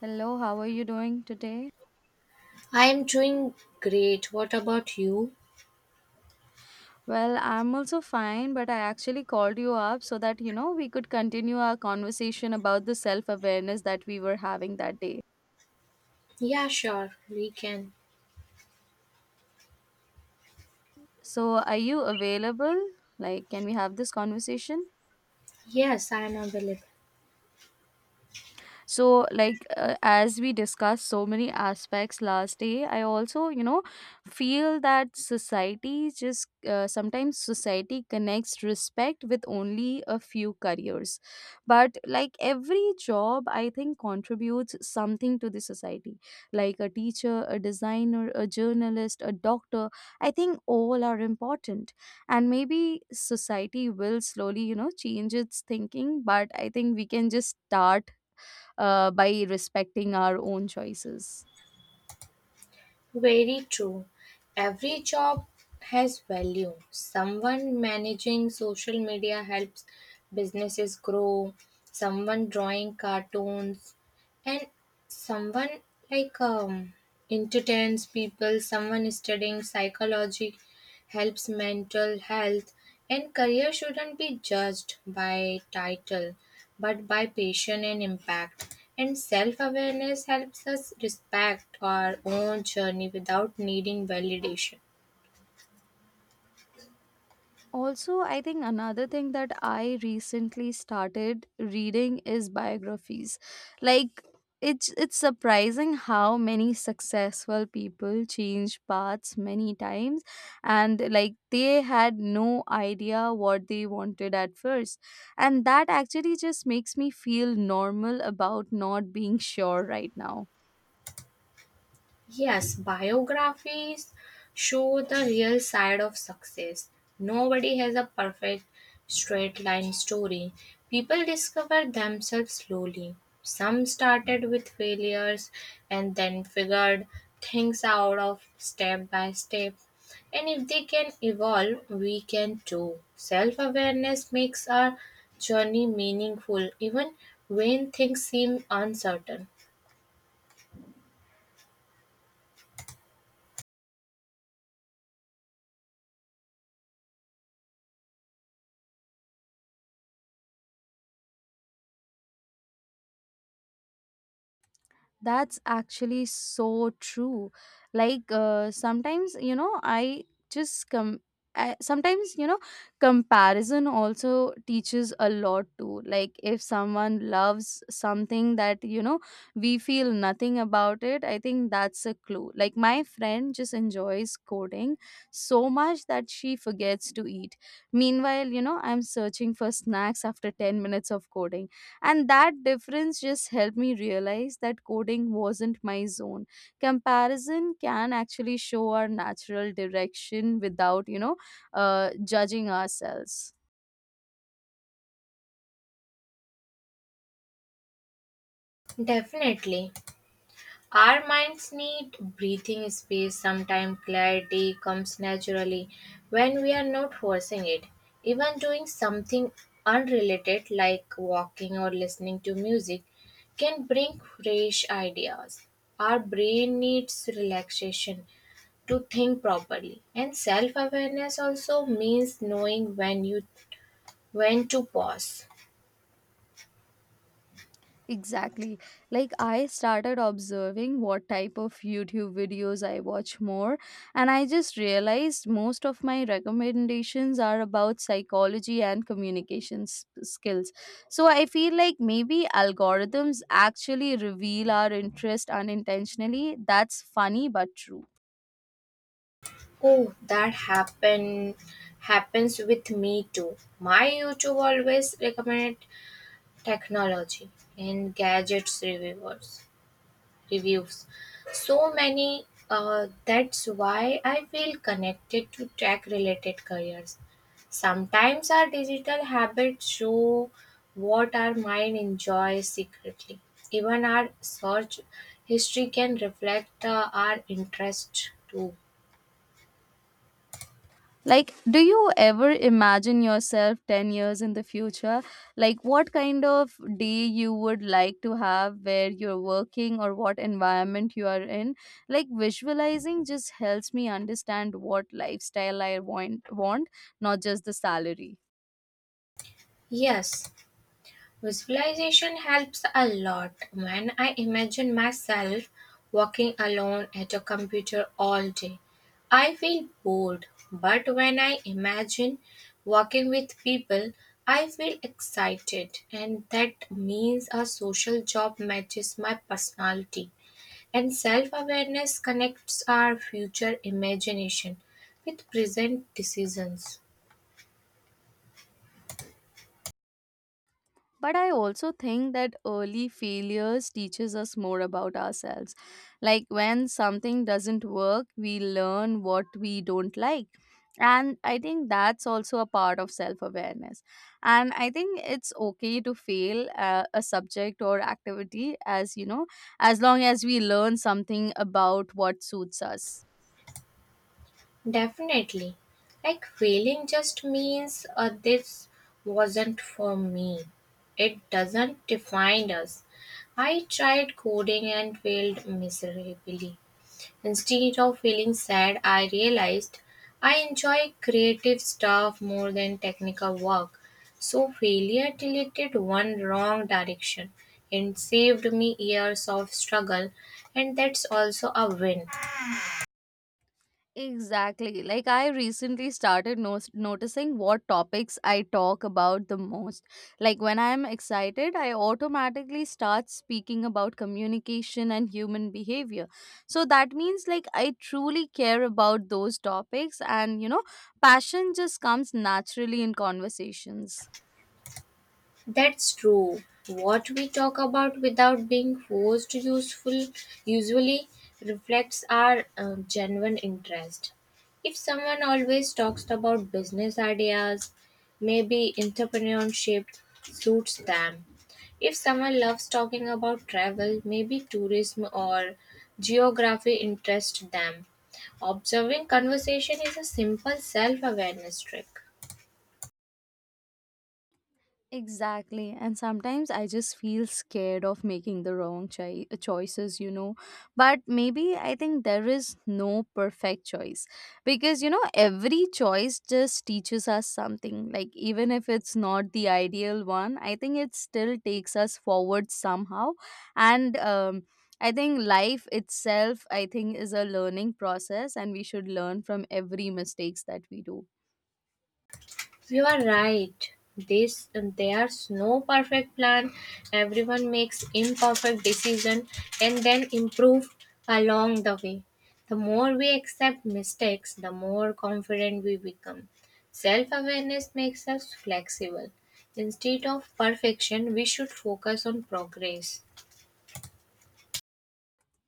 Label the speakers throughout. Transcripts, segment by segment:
Speaker 1: Hello, how are you doing today?
Speaker 2: I'm doing great. What about you?
Speaker 1: Well, I'm also fine, but I actually called you up so that, we could continue our conversation about the self awareness that we were having that day.
Speaker 2: Yeah, sure, we can.
Speaker 1: So, are you available? Like, can we have this conversation?
Speaker 2: Yes, I am available.
Speaker 1: So like as we discussed so many aspects last day I also feel that society just sometimes society connects respect with only a few careers, but like every job I think contributes something to the society, like a teacher, a designer, a journalist, a doctor. I think all are important. And maybe society will slowly change its thinking, but I think we can just start by respecting our own choices.
Speaker 2: Very true. Every job has value. Someone managing social media helps businesses grow, someone drawing cartoons, and someone like entertains people. Someone is studying psychology helps mental health, and career shouldn't be judged by title but by passion and impact. And self-awareness helps us respect our own journey without needing validation.
Speaker 1: Also, I think another thing that I recently started reading is biographies. Like it's surprising how many successful people change paths many times, and like they had no idea what they wanted at first, and that actually just makes me feel normal about not being sure right now.
Speaker 2: Yes, biographies show the real side of success. Nobody has a perfect straight line story. People discover themselves slowly. Some started with failures and then figured things out of step by step. And if they can evolve, we can too. Self awareness makes our journey meaningful even when things seem uncertain.
Speaker 1: That's actually so true. Like sometimes, I just come. I, sometimes comparison also teaches a lot too. Like if someone loves something that we feel nothing about, it I think that's a clue. Like my friend just enjoys coding so much that she forgets to eat. Meanwhile, I'm searching for snacks after 10 minutes of coding, and that difference just helped me realize that coding wasn't my zone. Comparison can actually show our natural direction without, judging ourselves.
Speaker 2: Definitely. Our minds need breathing space. Sometimes clarity comes naturally when we are not forcing it. Even doing something unrelated like walking or listening to music can bring fresh ideas. Our brain needs relaxation to think properly. And self-awareness also means knowing when to pause.
Speaker 1: Exactly. Like I started observing what type of YouTube videos I watch more, and I just realized most of my recommendations are about psychology and communication skills. So I feel like maybe algorithms actually reveal our interest unintentionally. That's funny but true.
Speaker 2: Oh, that happens with me too. My YouTube always recommend technology and gadgets reviewers reviews. So many That's why I feel connected to tech related careers. Sometimes our digital habits show what our mind enjoys secretly. Even our search history can reflect our interest too.
Speaker 1: Like, do you ever imagine yourself 10 years in the future? Like, what kind of day you would like to have, where you're working or what environment you are in? Like, visualizing just helps me understand what lifestyle I want, not just the salary.
Speaker 2: Yes. Visualization helps a lot. When I imagine myself working alone at a computer all day, I feel bored. But when I imagine working with people, I feel excited, and that means a social job matches my personality. And self awareness connects our future imagination with present decisions.
Speaker 1: But I also think that early failures teaches us more about ourselves. Like when something doesn't work, we learn what we don't like, and I think that's also a part of self awareness. And I think it's okay to fail a subject or activity, as you know as long as we learn something about what suits us.
Speaker 2: Definitely. Like failing just means this wasn't for me. It doesn't define us. I tried coding and failed miserably. Instead of feeling sad, I realized I enjoy creative stuff more than technical work. So failure deleted one wrong direction and saved me years of struggle, and that's also a win.
Speaker 1: Exactly. Like I recently started noticing what topics I talk about the most. Like when I'm excited, I automatically start speaking about communication and human behavior. So that means like I truly care about those topics, and passion just comes naturally in conversations.
Speaker 2: That's true. What we talk about without being forced useful usually reflects our genuine interest. If someone always talks about business ideas, maybe entrepreneurship suits them. If someone loves talking about travel, maybe tourism or geography interests them. Observing conversation is a simple self awareness trick.
Speaker 1: Exactly. And sometimes I just feel scared of making the wrong choices, you know. But maybe I think there is no perfect choice because, every choice just teaches us something. Like, even if it's not the ideal one, I think it still takes us forward somehow. And, I think life itself, I think, is a learning process, and we should learn from every mistakes that we do.
Speaker 2: You are right. This there's no perfect plan. Everyone makes imperfect decision and then improve along the way. The more we accept mistakes, the more confident we become. Self-awareness makes us flexible. Instead of perfection, we should focus on progress.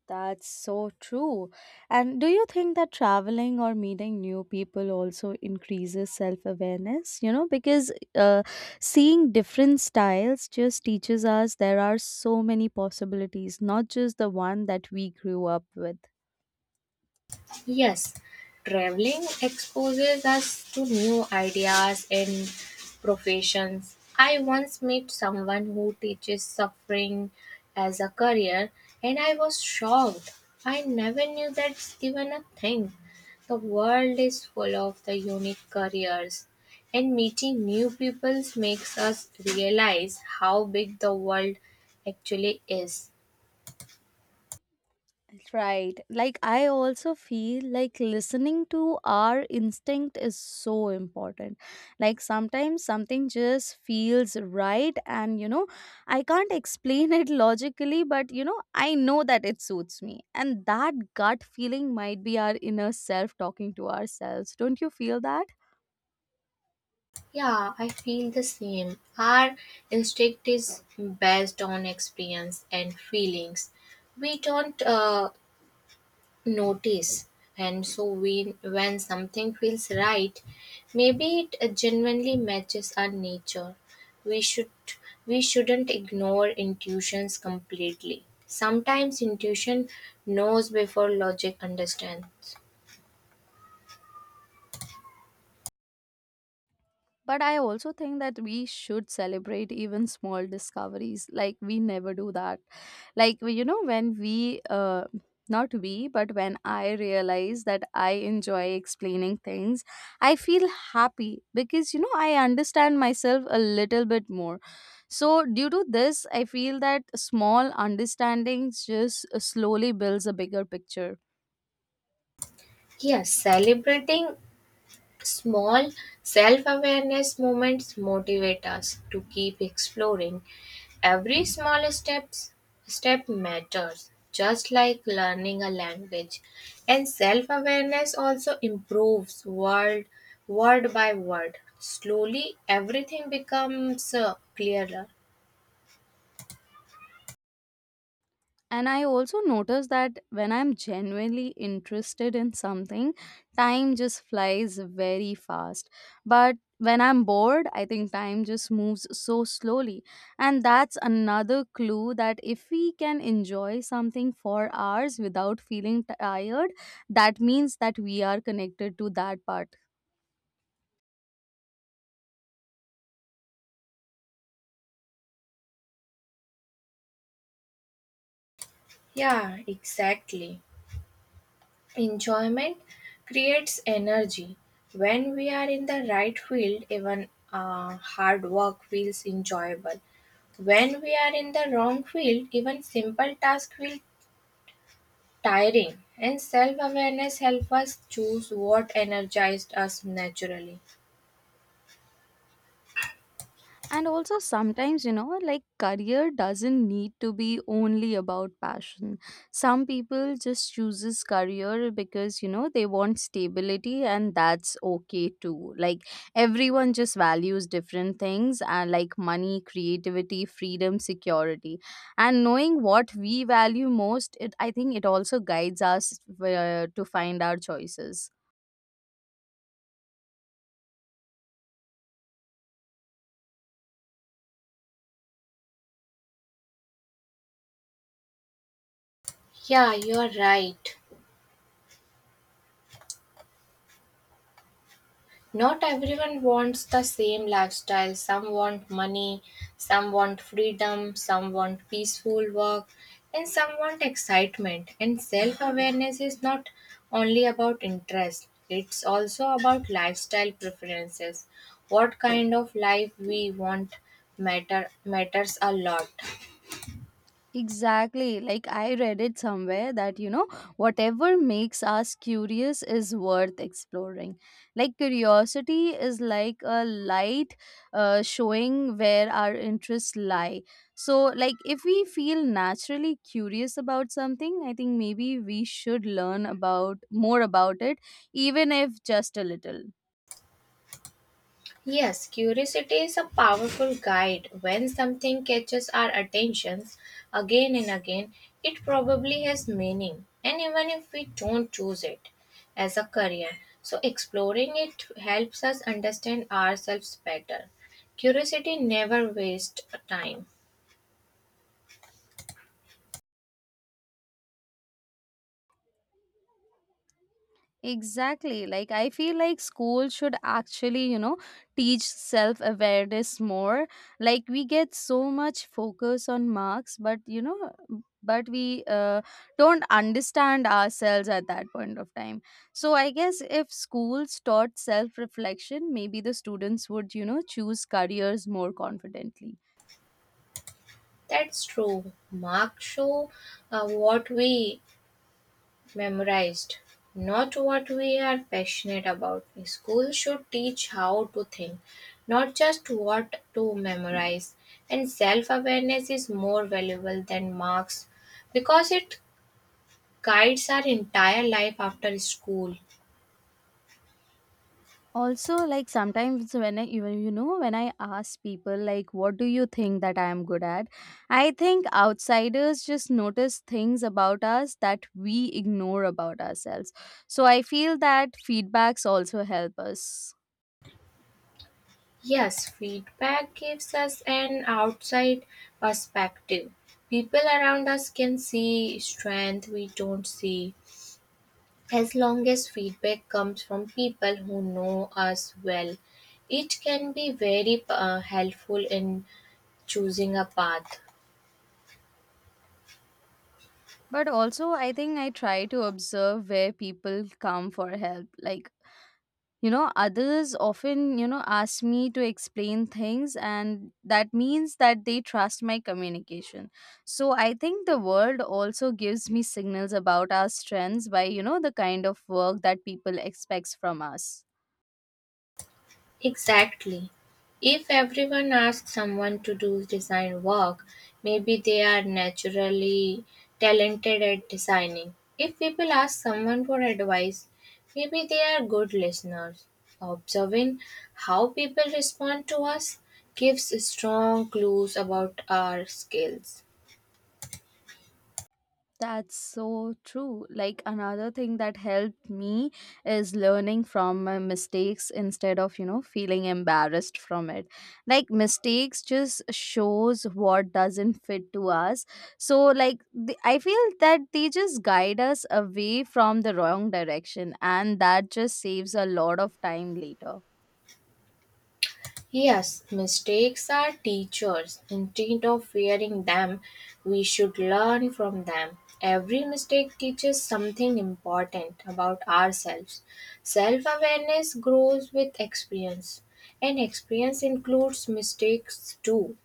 Speaker 1: That's so true. And do you think that traveling or meeting new people also increases self awareness? You know, because seeing different styles just teaches us there are so many possibilities, not just the one that we grew up with.
Speaker 2: Yes, traveling exposes us to new ideas and professions. I once met someone who teaches suffering as a career, and I was shocked. I never knew that's even a thing. The world is full of the unique careers, and meeting new people makes us realize how big the world actually is.
Speaker 1: Right. Like, I also feel like listening to our instinct is so important. Like, sometimes something just feels right, and I can't explain it logically, but I know that it suits me. And that gut feeling might be our inner self talking to ourselves. Don't you feel that?
Speaker 2: Yeah, I feel the same. Our instinct is based on experience and feelings. We don't notice, and so when something feels right, maybe it genuinely matches our nature. We should we shouldn't ignore intuitions completely. Sometimes intuition knows before logic understands.
Speaker 1: But I also think that we should celebrate even small discoveries. Like, we never do that. Like when we uh, not we but when I realize that I enjoy explaining things, I feel happy because I understand myself a little bit more. So due to this, I feel that small understandings just slowly builds a bigger picture.
Speaker 2: Yes, celebrating small self awareness moments motivate us to keep exploring. Every small step matters, just like learning a language. And self awareness also improves word by word. Slowly, everything becomes clearer.
Speaker 1: And I also notice that when I'm genuinely interested in something, time just flies very fast. But when I'm bored, I think time just moves so slowly. And that's another clue that if we can enjoy something for hours without feeling tired, that means that we are connected to that part.
Speaker 2: Yeah, exactly. Enjoyment creates energy. When we are in the right field, even hard work feels enjoyable. When we are in the wrong field, even simple tasks feel tiring. And self awareness helps us choose what energized us naturally.
Speaker 1: And also, sometimes, like career doesn't need to be only about passion. Some people just chooses career because, they want stability, and that's okay too. Like everyone just values different things, and like money, creativity, freedom, security. And knowing what we value most, it I think it also guides us to find our choices.
Speaker 2: Yeah, you are right. Not everyone wants the same lifestyle. Some want money, some want freedom, some want peaceful work, and some want excitement. And self awareness is not only about interest, it's also about lifestyle preferences. What kind of life we want matters a lot.
Speaker 1: Exactly. Like I read it somewhere that, whatever makes us curious is worth exploring. Like curiosity is like a light showing where our interests lie. So, like, if we feel naturally curious about something, I think maybe we should learn about more about it, even if just a little.
Speaker 2: Yes, curiosity is a powerful guide. When something catches our attention again and again, it probably has meaning, and even if we don't choose it as a career, so exploring it helps us understand ourselves better. Curiosity never wastes time.
Speaker 1: Exactly. Like, I feel like school should actually, teach self awareness more. Like, we get so much focus on marks, but, we don't understand ourselves at that point of time. So, I guess if schools taught self reflection, maybe the students would, choose careers more confidently.
Speaker 2: That's true. Marks show what we memorized, not what we are passionate about. School should teach how to think, not just what to memorize. And self awareness is more valuable than marks because it guides our entire life after school.
Speaker 1: Also, like sometimes when I even when I ask people like what do you think that I am good at, I think outsiders just notice things about us that we ignore about ourselves. So I feel that feedbacks also help us.
Speaker 2: Yes, feedback gives us an outside perspective. People around us can see strength we don't see. As long as feedback comes from people who know us well, it can be very helpful in choosing a path.
Speaker 1: But also I think I try to observe where people come for help. Like others often ask me to explain things, and that means that they trust my communication. So I think the world also gives me signals about our strengths by the kind of work that people expects from us.
Speaker 2: Exactly. If everyone asks someone to do design work, maybe they are naturally talented at designing. If people ask someone for advice, maybe they are good listeners. Observing how people respond to us gives strong clues about our skills.
Speaker 1: That's so true. Like another thing that helped me is learning from my mistakes instead of, feeling embarrassed from it. Like mistakes just shows what doesn't fit to us. So like I feel that they just guide us away from the wrong direction, and that just saves a lot of time later.
Speaker 2: Yes, mistakes are teachers. Instead of fearing them, we should learn from them. Every mistake teaches something important about ourselves. Self awareness grows with experience, and experience includes mistakes too.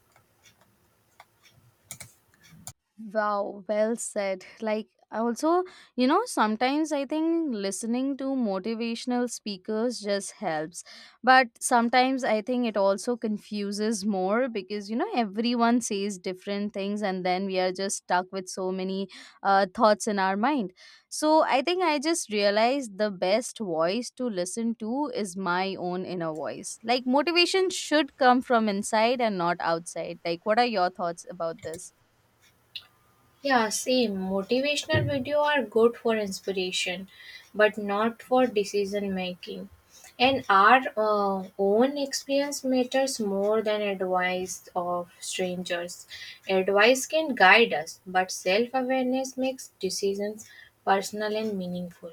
Speaker 1: Wow, well said. Like, I also, sometimes I think listening to motivational speakers just helps. But sometimes I think it also confuses more because, everyone says different things, and then we are just stuck with so many thoughts in our mind. So I think I just realized the best voice to listen to is my own inner voice. Like, motivation should come from inside and not outside. Like, what are your thoughts about this?
Speaker 2: Yeah, same. Motivational video are good for inspiration, but not for decision making. And our own experience matters more than advice of strangers. Advice can guide us, but self awareness makes decisions personal and meaningful.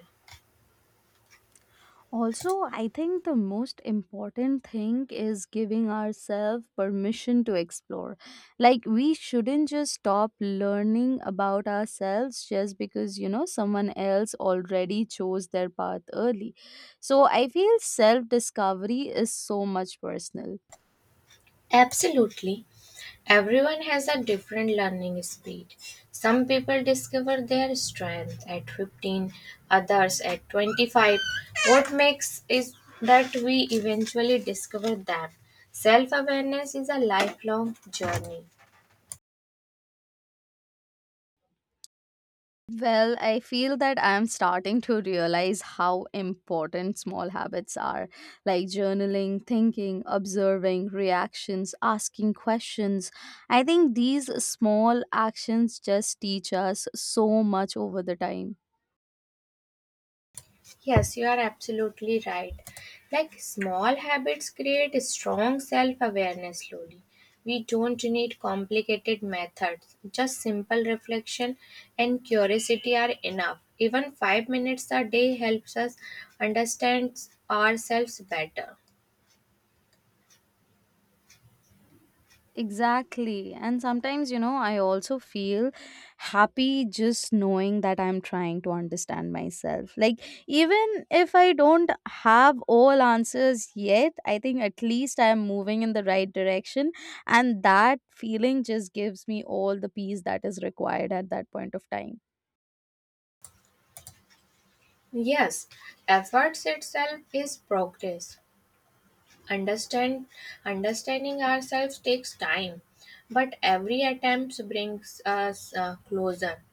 Speaker 1: Also, I think the most important thing is giving ourselves permission to explore. Like, we shouldn't just stop learning about ourselves just because, someone else already chose their path early. So, I feel self discovery is so much personal.
Speaker 2: Absolutely. Everyone has a different learning speed. Some people discover their strength at 15, others at 25. What makes is that we eventually discover them. Self awareness is a lifelong journey.
Speaker 1: Well, I feel that I'm starting to realize how important small habits are, like journaling, thinking, observing, reactions, asking questions. I think these small actions just teach us so much over the time.
Speaker 2: Yes, you are absolutely right. Like small habits create a strong self awareness slowly. We don't need complicated methods, just simple reflection and curiosity are enough. Even 5 minutes a day helps us understand ourselves better.
Speaker 1: Exactly. And sometimes, I also feel happy just knowing that I'm trying to understand myself. Like, even if I don't have all answers yet, I think at least I'm moving in the right direction. And that feeling just gives me all the peace that is required at that point of time.
Speaker 2: Yes, efforts itself is progress. Understand understanding ourselves takes time, but every attempt brings us closer.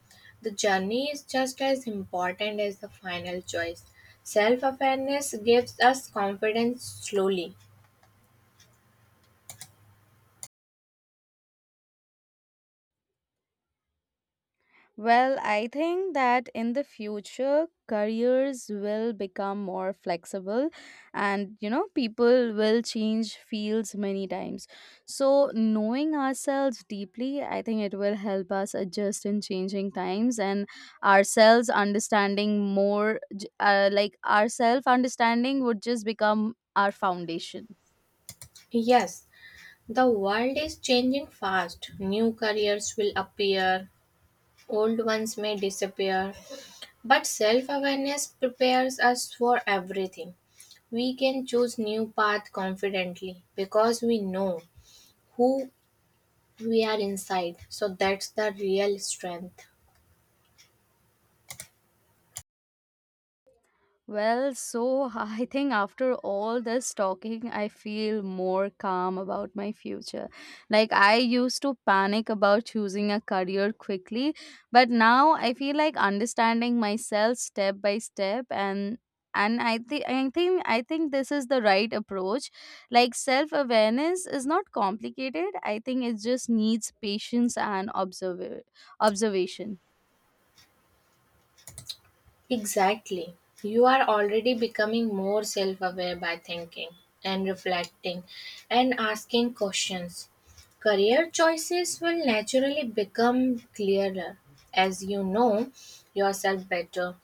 Speaker 2: The journey is just as important as the final choice. Self awareness gives us confidence slowly.
Speaker 1: Well, I think that in the future, careers will become more flexible and, people will change fields many times. So, knowing ourselves deeply, I think it will help us adjust in changing times, and ourselves understanding more, like ourself understanding would just become our foundation.
Speaker 2: Yes, the world is changing fast. New careers will appear, old ones may disappear, but self awareness prepares us for everything. We can choose new path confidently because we know who we are inside. So that's the real strength.
Speaker 1: Well, so I think after all this talking, I feel more calm about my future. Like, I used to panic about choosing a career quickly, but now I feel like understanding myself step by step, and I think this is the right approach. Like self awareness is not complicated. I think it just needs patience and observer observation.
Speaker 2: Exactly. You are already becoming more self aware by thinking and reflecting and asking questions. Career choices will naturally become clearer as you know yourself better.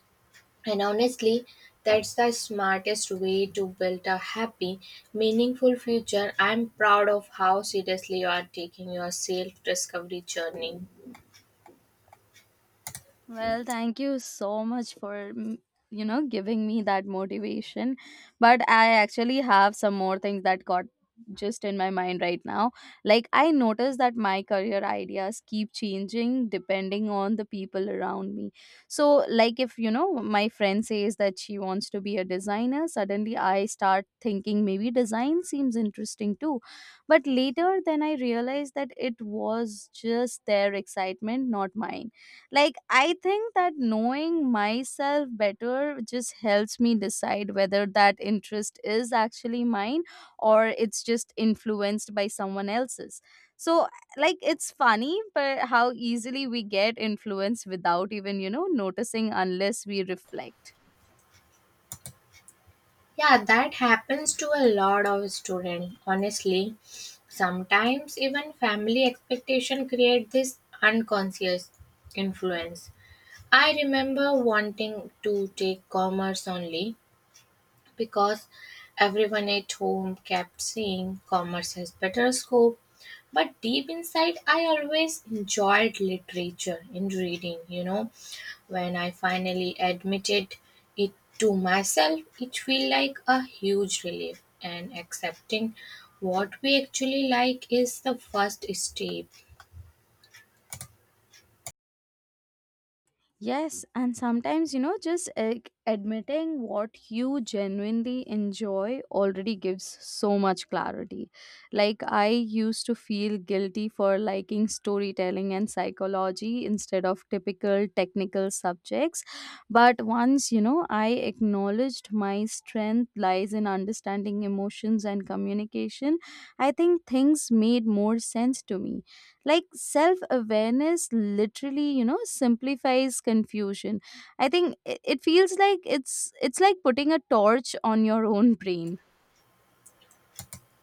Speaker 2: And honestly, that's the smartest way to build a happy, meaningful future. I'm proud of how seriously you are taking your self discovery journey.
Speaker 1: Well, thank you so much for giving me that motivation. But I actually have some more things that got just in my mind right now. Like I noticed that my career ideas keep changing depending on the people around me. So like if my friend says that she wants to be a designer, suddenly I start thinking maybe design seems interesting too. But later then I realized that it was just their excitement, not mine. Like, I think that knowing myself better just helps me decide whether that interest is actually mine or it's just influenced by someone else's. So, like, it's funny, but how easily we get influenced without even, noticing unless we reflect.
Speaker 2: Yeah, that happens to a lot of students, honestly. Sometimes even family expectation create this unconscious influence. I remember wanting to take commerce only because everyone at home kept saying commerce has better scope. But deep inside, I always enjoyed literature and reading. When I finally admitted it to myself, it felt like a huge relief, and accepting what we actually like is the first step.
Speaker 1: Yes, and sometimes, you know, just like, admitting what you genuinely enjoy already gives so much clarity. Like, I used to feel guilty for liking storytelling and psychology instead of typical technical subjects. But once, you know, I acknowledged my strength lies in understanding emotions and communication, I think things made more sense to me. Like, self awareness literally, you know, simplifies confusion. I think it feels like it's like putting a torch on your own brain.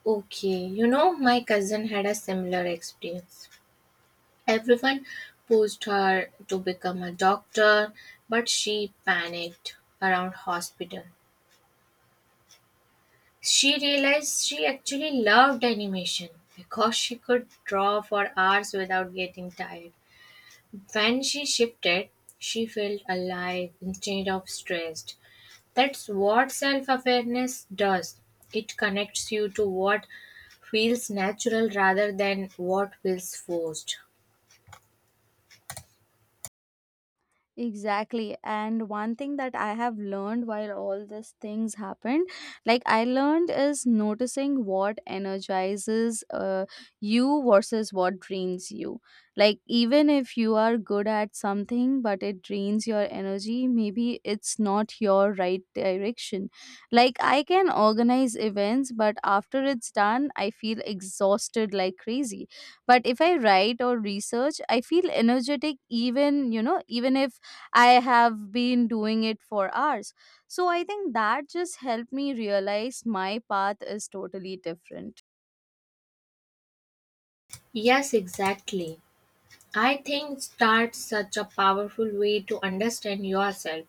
Speaker 2: Okay, my cousin had a similar experience. Everyone pushed her to become a doctor, but she panicked around hospital. She realized she actually loved animation because she could draw for hours without getting tired. When she shifted, she felt alive instead of stressed. That's what self awareness does. It connects you to what feels natural rather than what feels forced.
Speaker 1: Exactly. And one thing that I have learned while all these things happened, like I learned, is noticing what energizes you versus what drains you. Like, even if you are good at something, but it drains your energy, maybe it's not your right direction. Like, I can organize events, but after it's done, I feel exhausted like crazy. But if I write or research, I feel energetic, even, you know, even if I have been doing it for hours. So I think that just helped me realize my path is totally different.
Speaker 2: Yes, exactly. I think that's such a powerful way to understand yourself.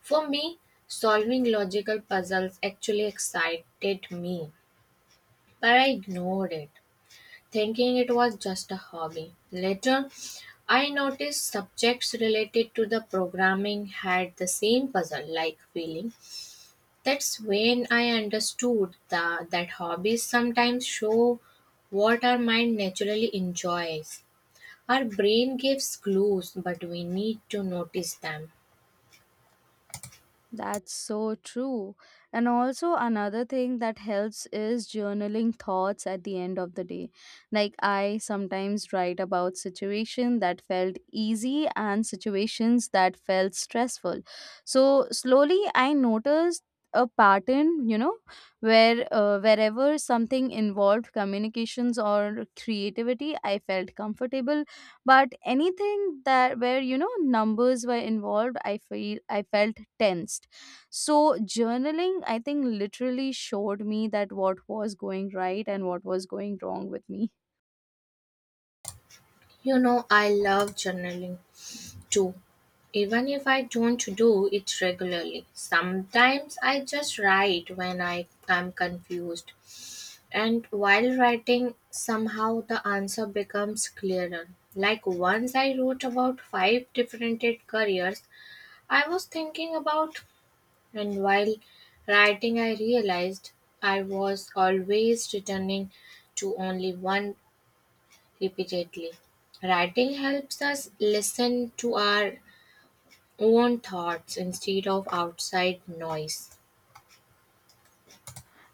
Speaker 2: For me, solving logical puzzles actually excited me, but I ignored it, thinking it was just a hobby. Later, I noticed subjects related to the programming had the same puzzle like feeling. That's when I understood that hobbies sometimes show what our mind naturally enjoys. Our brain gives clues, but we need to notice them.
Speaker 1: That's so true. And also, another thing that helps is journaling thoughts at the end of the day. Like, I sometimes write about situations that felt easy and situations that felt stressful. So, slowly, I noticed a pattern, you know, where wherever something involved communications or creativity, I felt comfortable, but anything that where, you know, numbers were involved, I felt tensed. So journaling, I think, literally showed me that what was going right and what was going wrong with me.
Speaker 2: You know, I love journaling. do, Even if I don't do it regularly. Sometimes I just write when I am confused, and while writing, somehow the answer becomes clearer. Like once I wrote about five different careers I was thinking about, and while writing, I realized I was always returning to only one repeatedly. Writing helps us listen to our own thoughts instead of outside noise.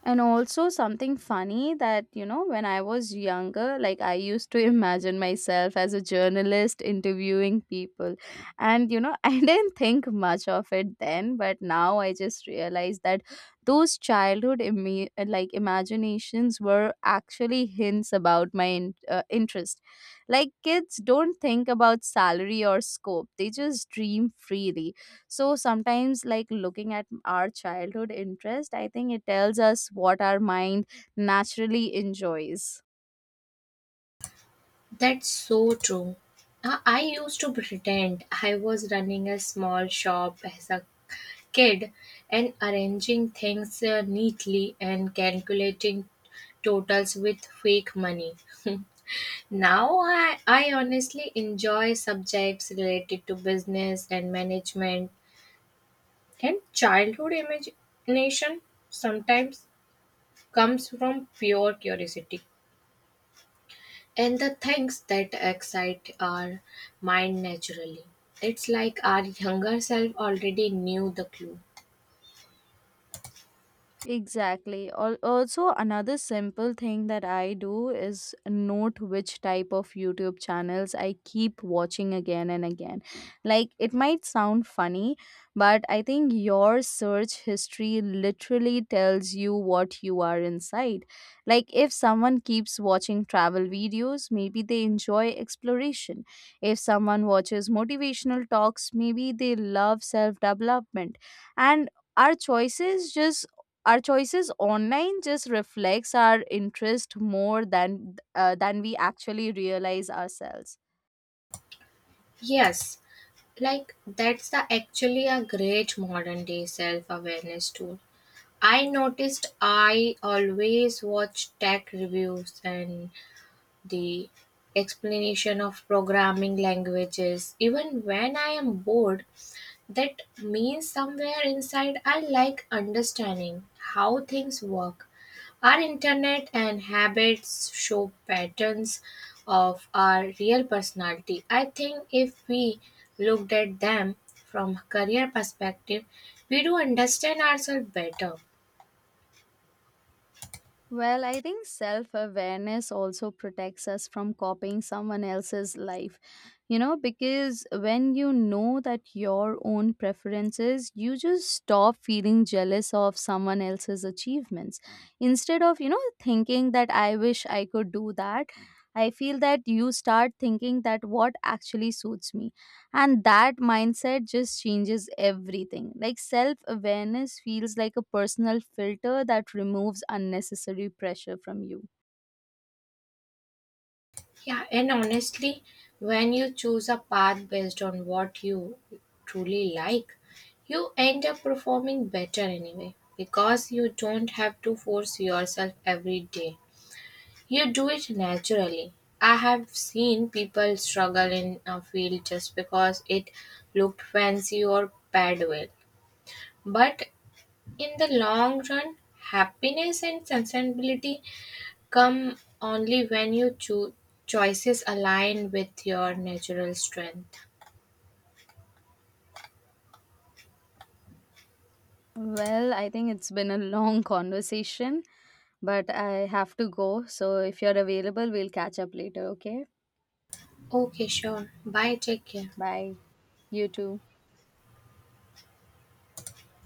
Speaker 1: And also something funny that, you know, when I was younger, like I used to imagine myself as a journalist interviewing people. And, you know, I didn't think much of it then, but now I just realized that those like, imaginations were actually hints about my interest. Like, kids don't think about salary or scope. They just dream freely, so sometimes, like, looking at our childhood interest, I think it tells us what our mind naturally enjoys.
Speaker 2: That's so true. I used to pretend I was running a small shop as a kid and arranging things neatly and calculating totals with fake money. Now I honestly enjoy subjects related to business and management, and childhood imagination sometimes comes from pure curiosity. And the things that excite our mind naturally. It's like our younger self already knew the clue.
Speaker 1: Exactly. Also, another simple thing that I do is note which type of YouTube channels I keep watching again and again. Like, it might sound funny, but I think your search history literally tells you what you are inside. Like, if someone keeps watching travel videos, maybe they enjoy exploration. If someone watches motivational talks, maybe they love self development. And our choices just our choices online just reflects our interest more than we actually realize ourselves.
Speaker 2: Yes, like that's the actually a great modern day self awareness tool. I noticed I always watch tech reviews and the explanation of programming languages even when I am bored. That means somewhere inside I like understanding how things work. Our internet and habits show patterns of our real personality. I think if we looked at them from career perspective, we do understand ourselves better.
Speaker 1: Well, I think self awareness also protects us from copying someone else's life, you know, because when you know that your own preferences, you just stop feeling jealous of someone else's achievements. Instead of, you know, thinking that I wish I could do that, I feel that you start thinking that what actually suits me. And that mindset just changes everything. Like, self awareness feels like a personal filter that removes unnecessary pressure from you.
Speaker 2: Yeah, and honestly, when you choose a path based on what you truly like, you end up performing better anyway because you don't have to force yourself every day. You do it naturally. I have seen people struggle in a field just because it looked fancy or paid well. But in the long run, happiness and sustainability come only when your choices align with your natural strength.
Speaker 1: Well, I think it's been a long conversation, but I have to go. So if you're available, we'll catch up later, okay?
Speaker 2: Okay, sure. Bye. Take care.
Speaker 1: Bye. You too.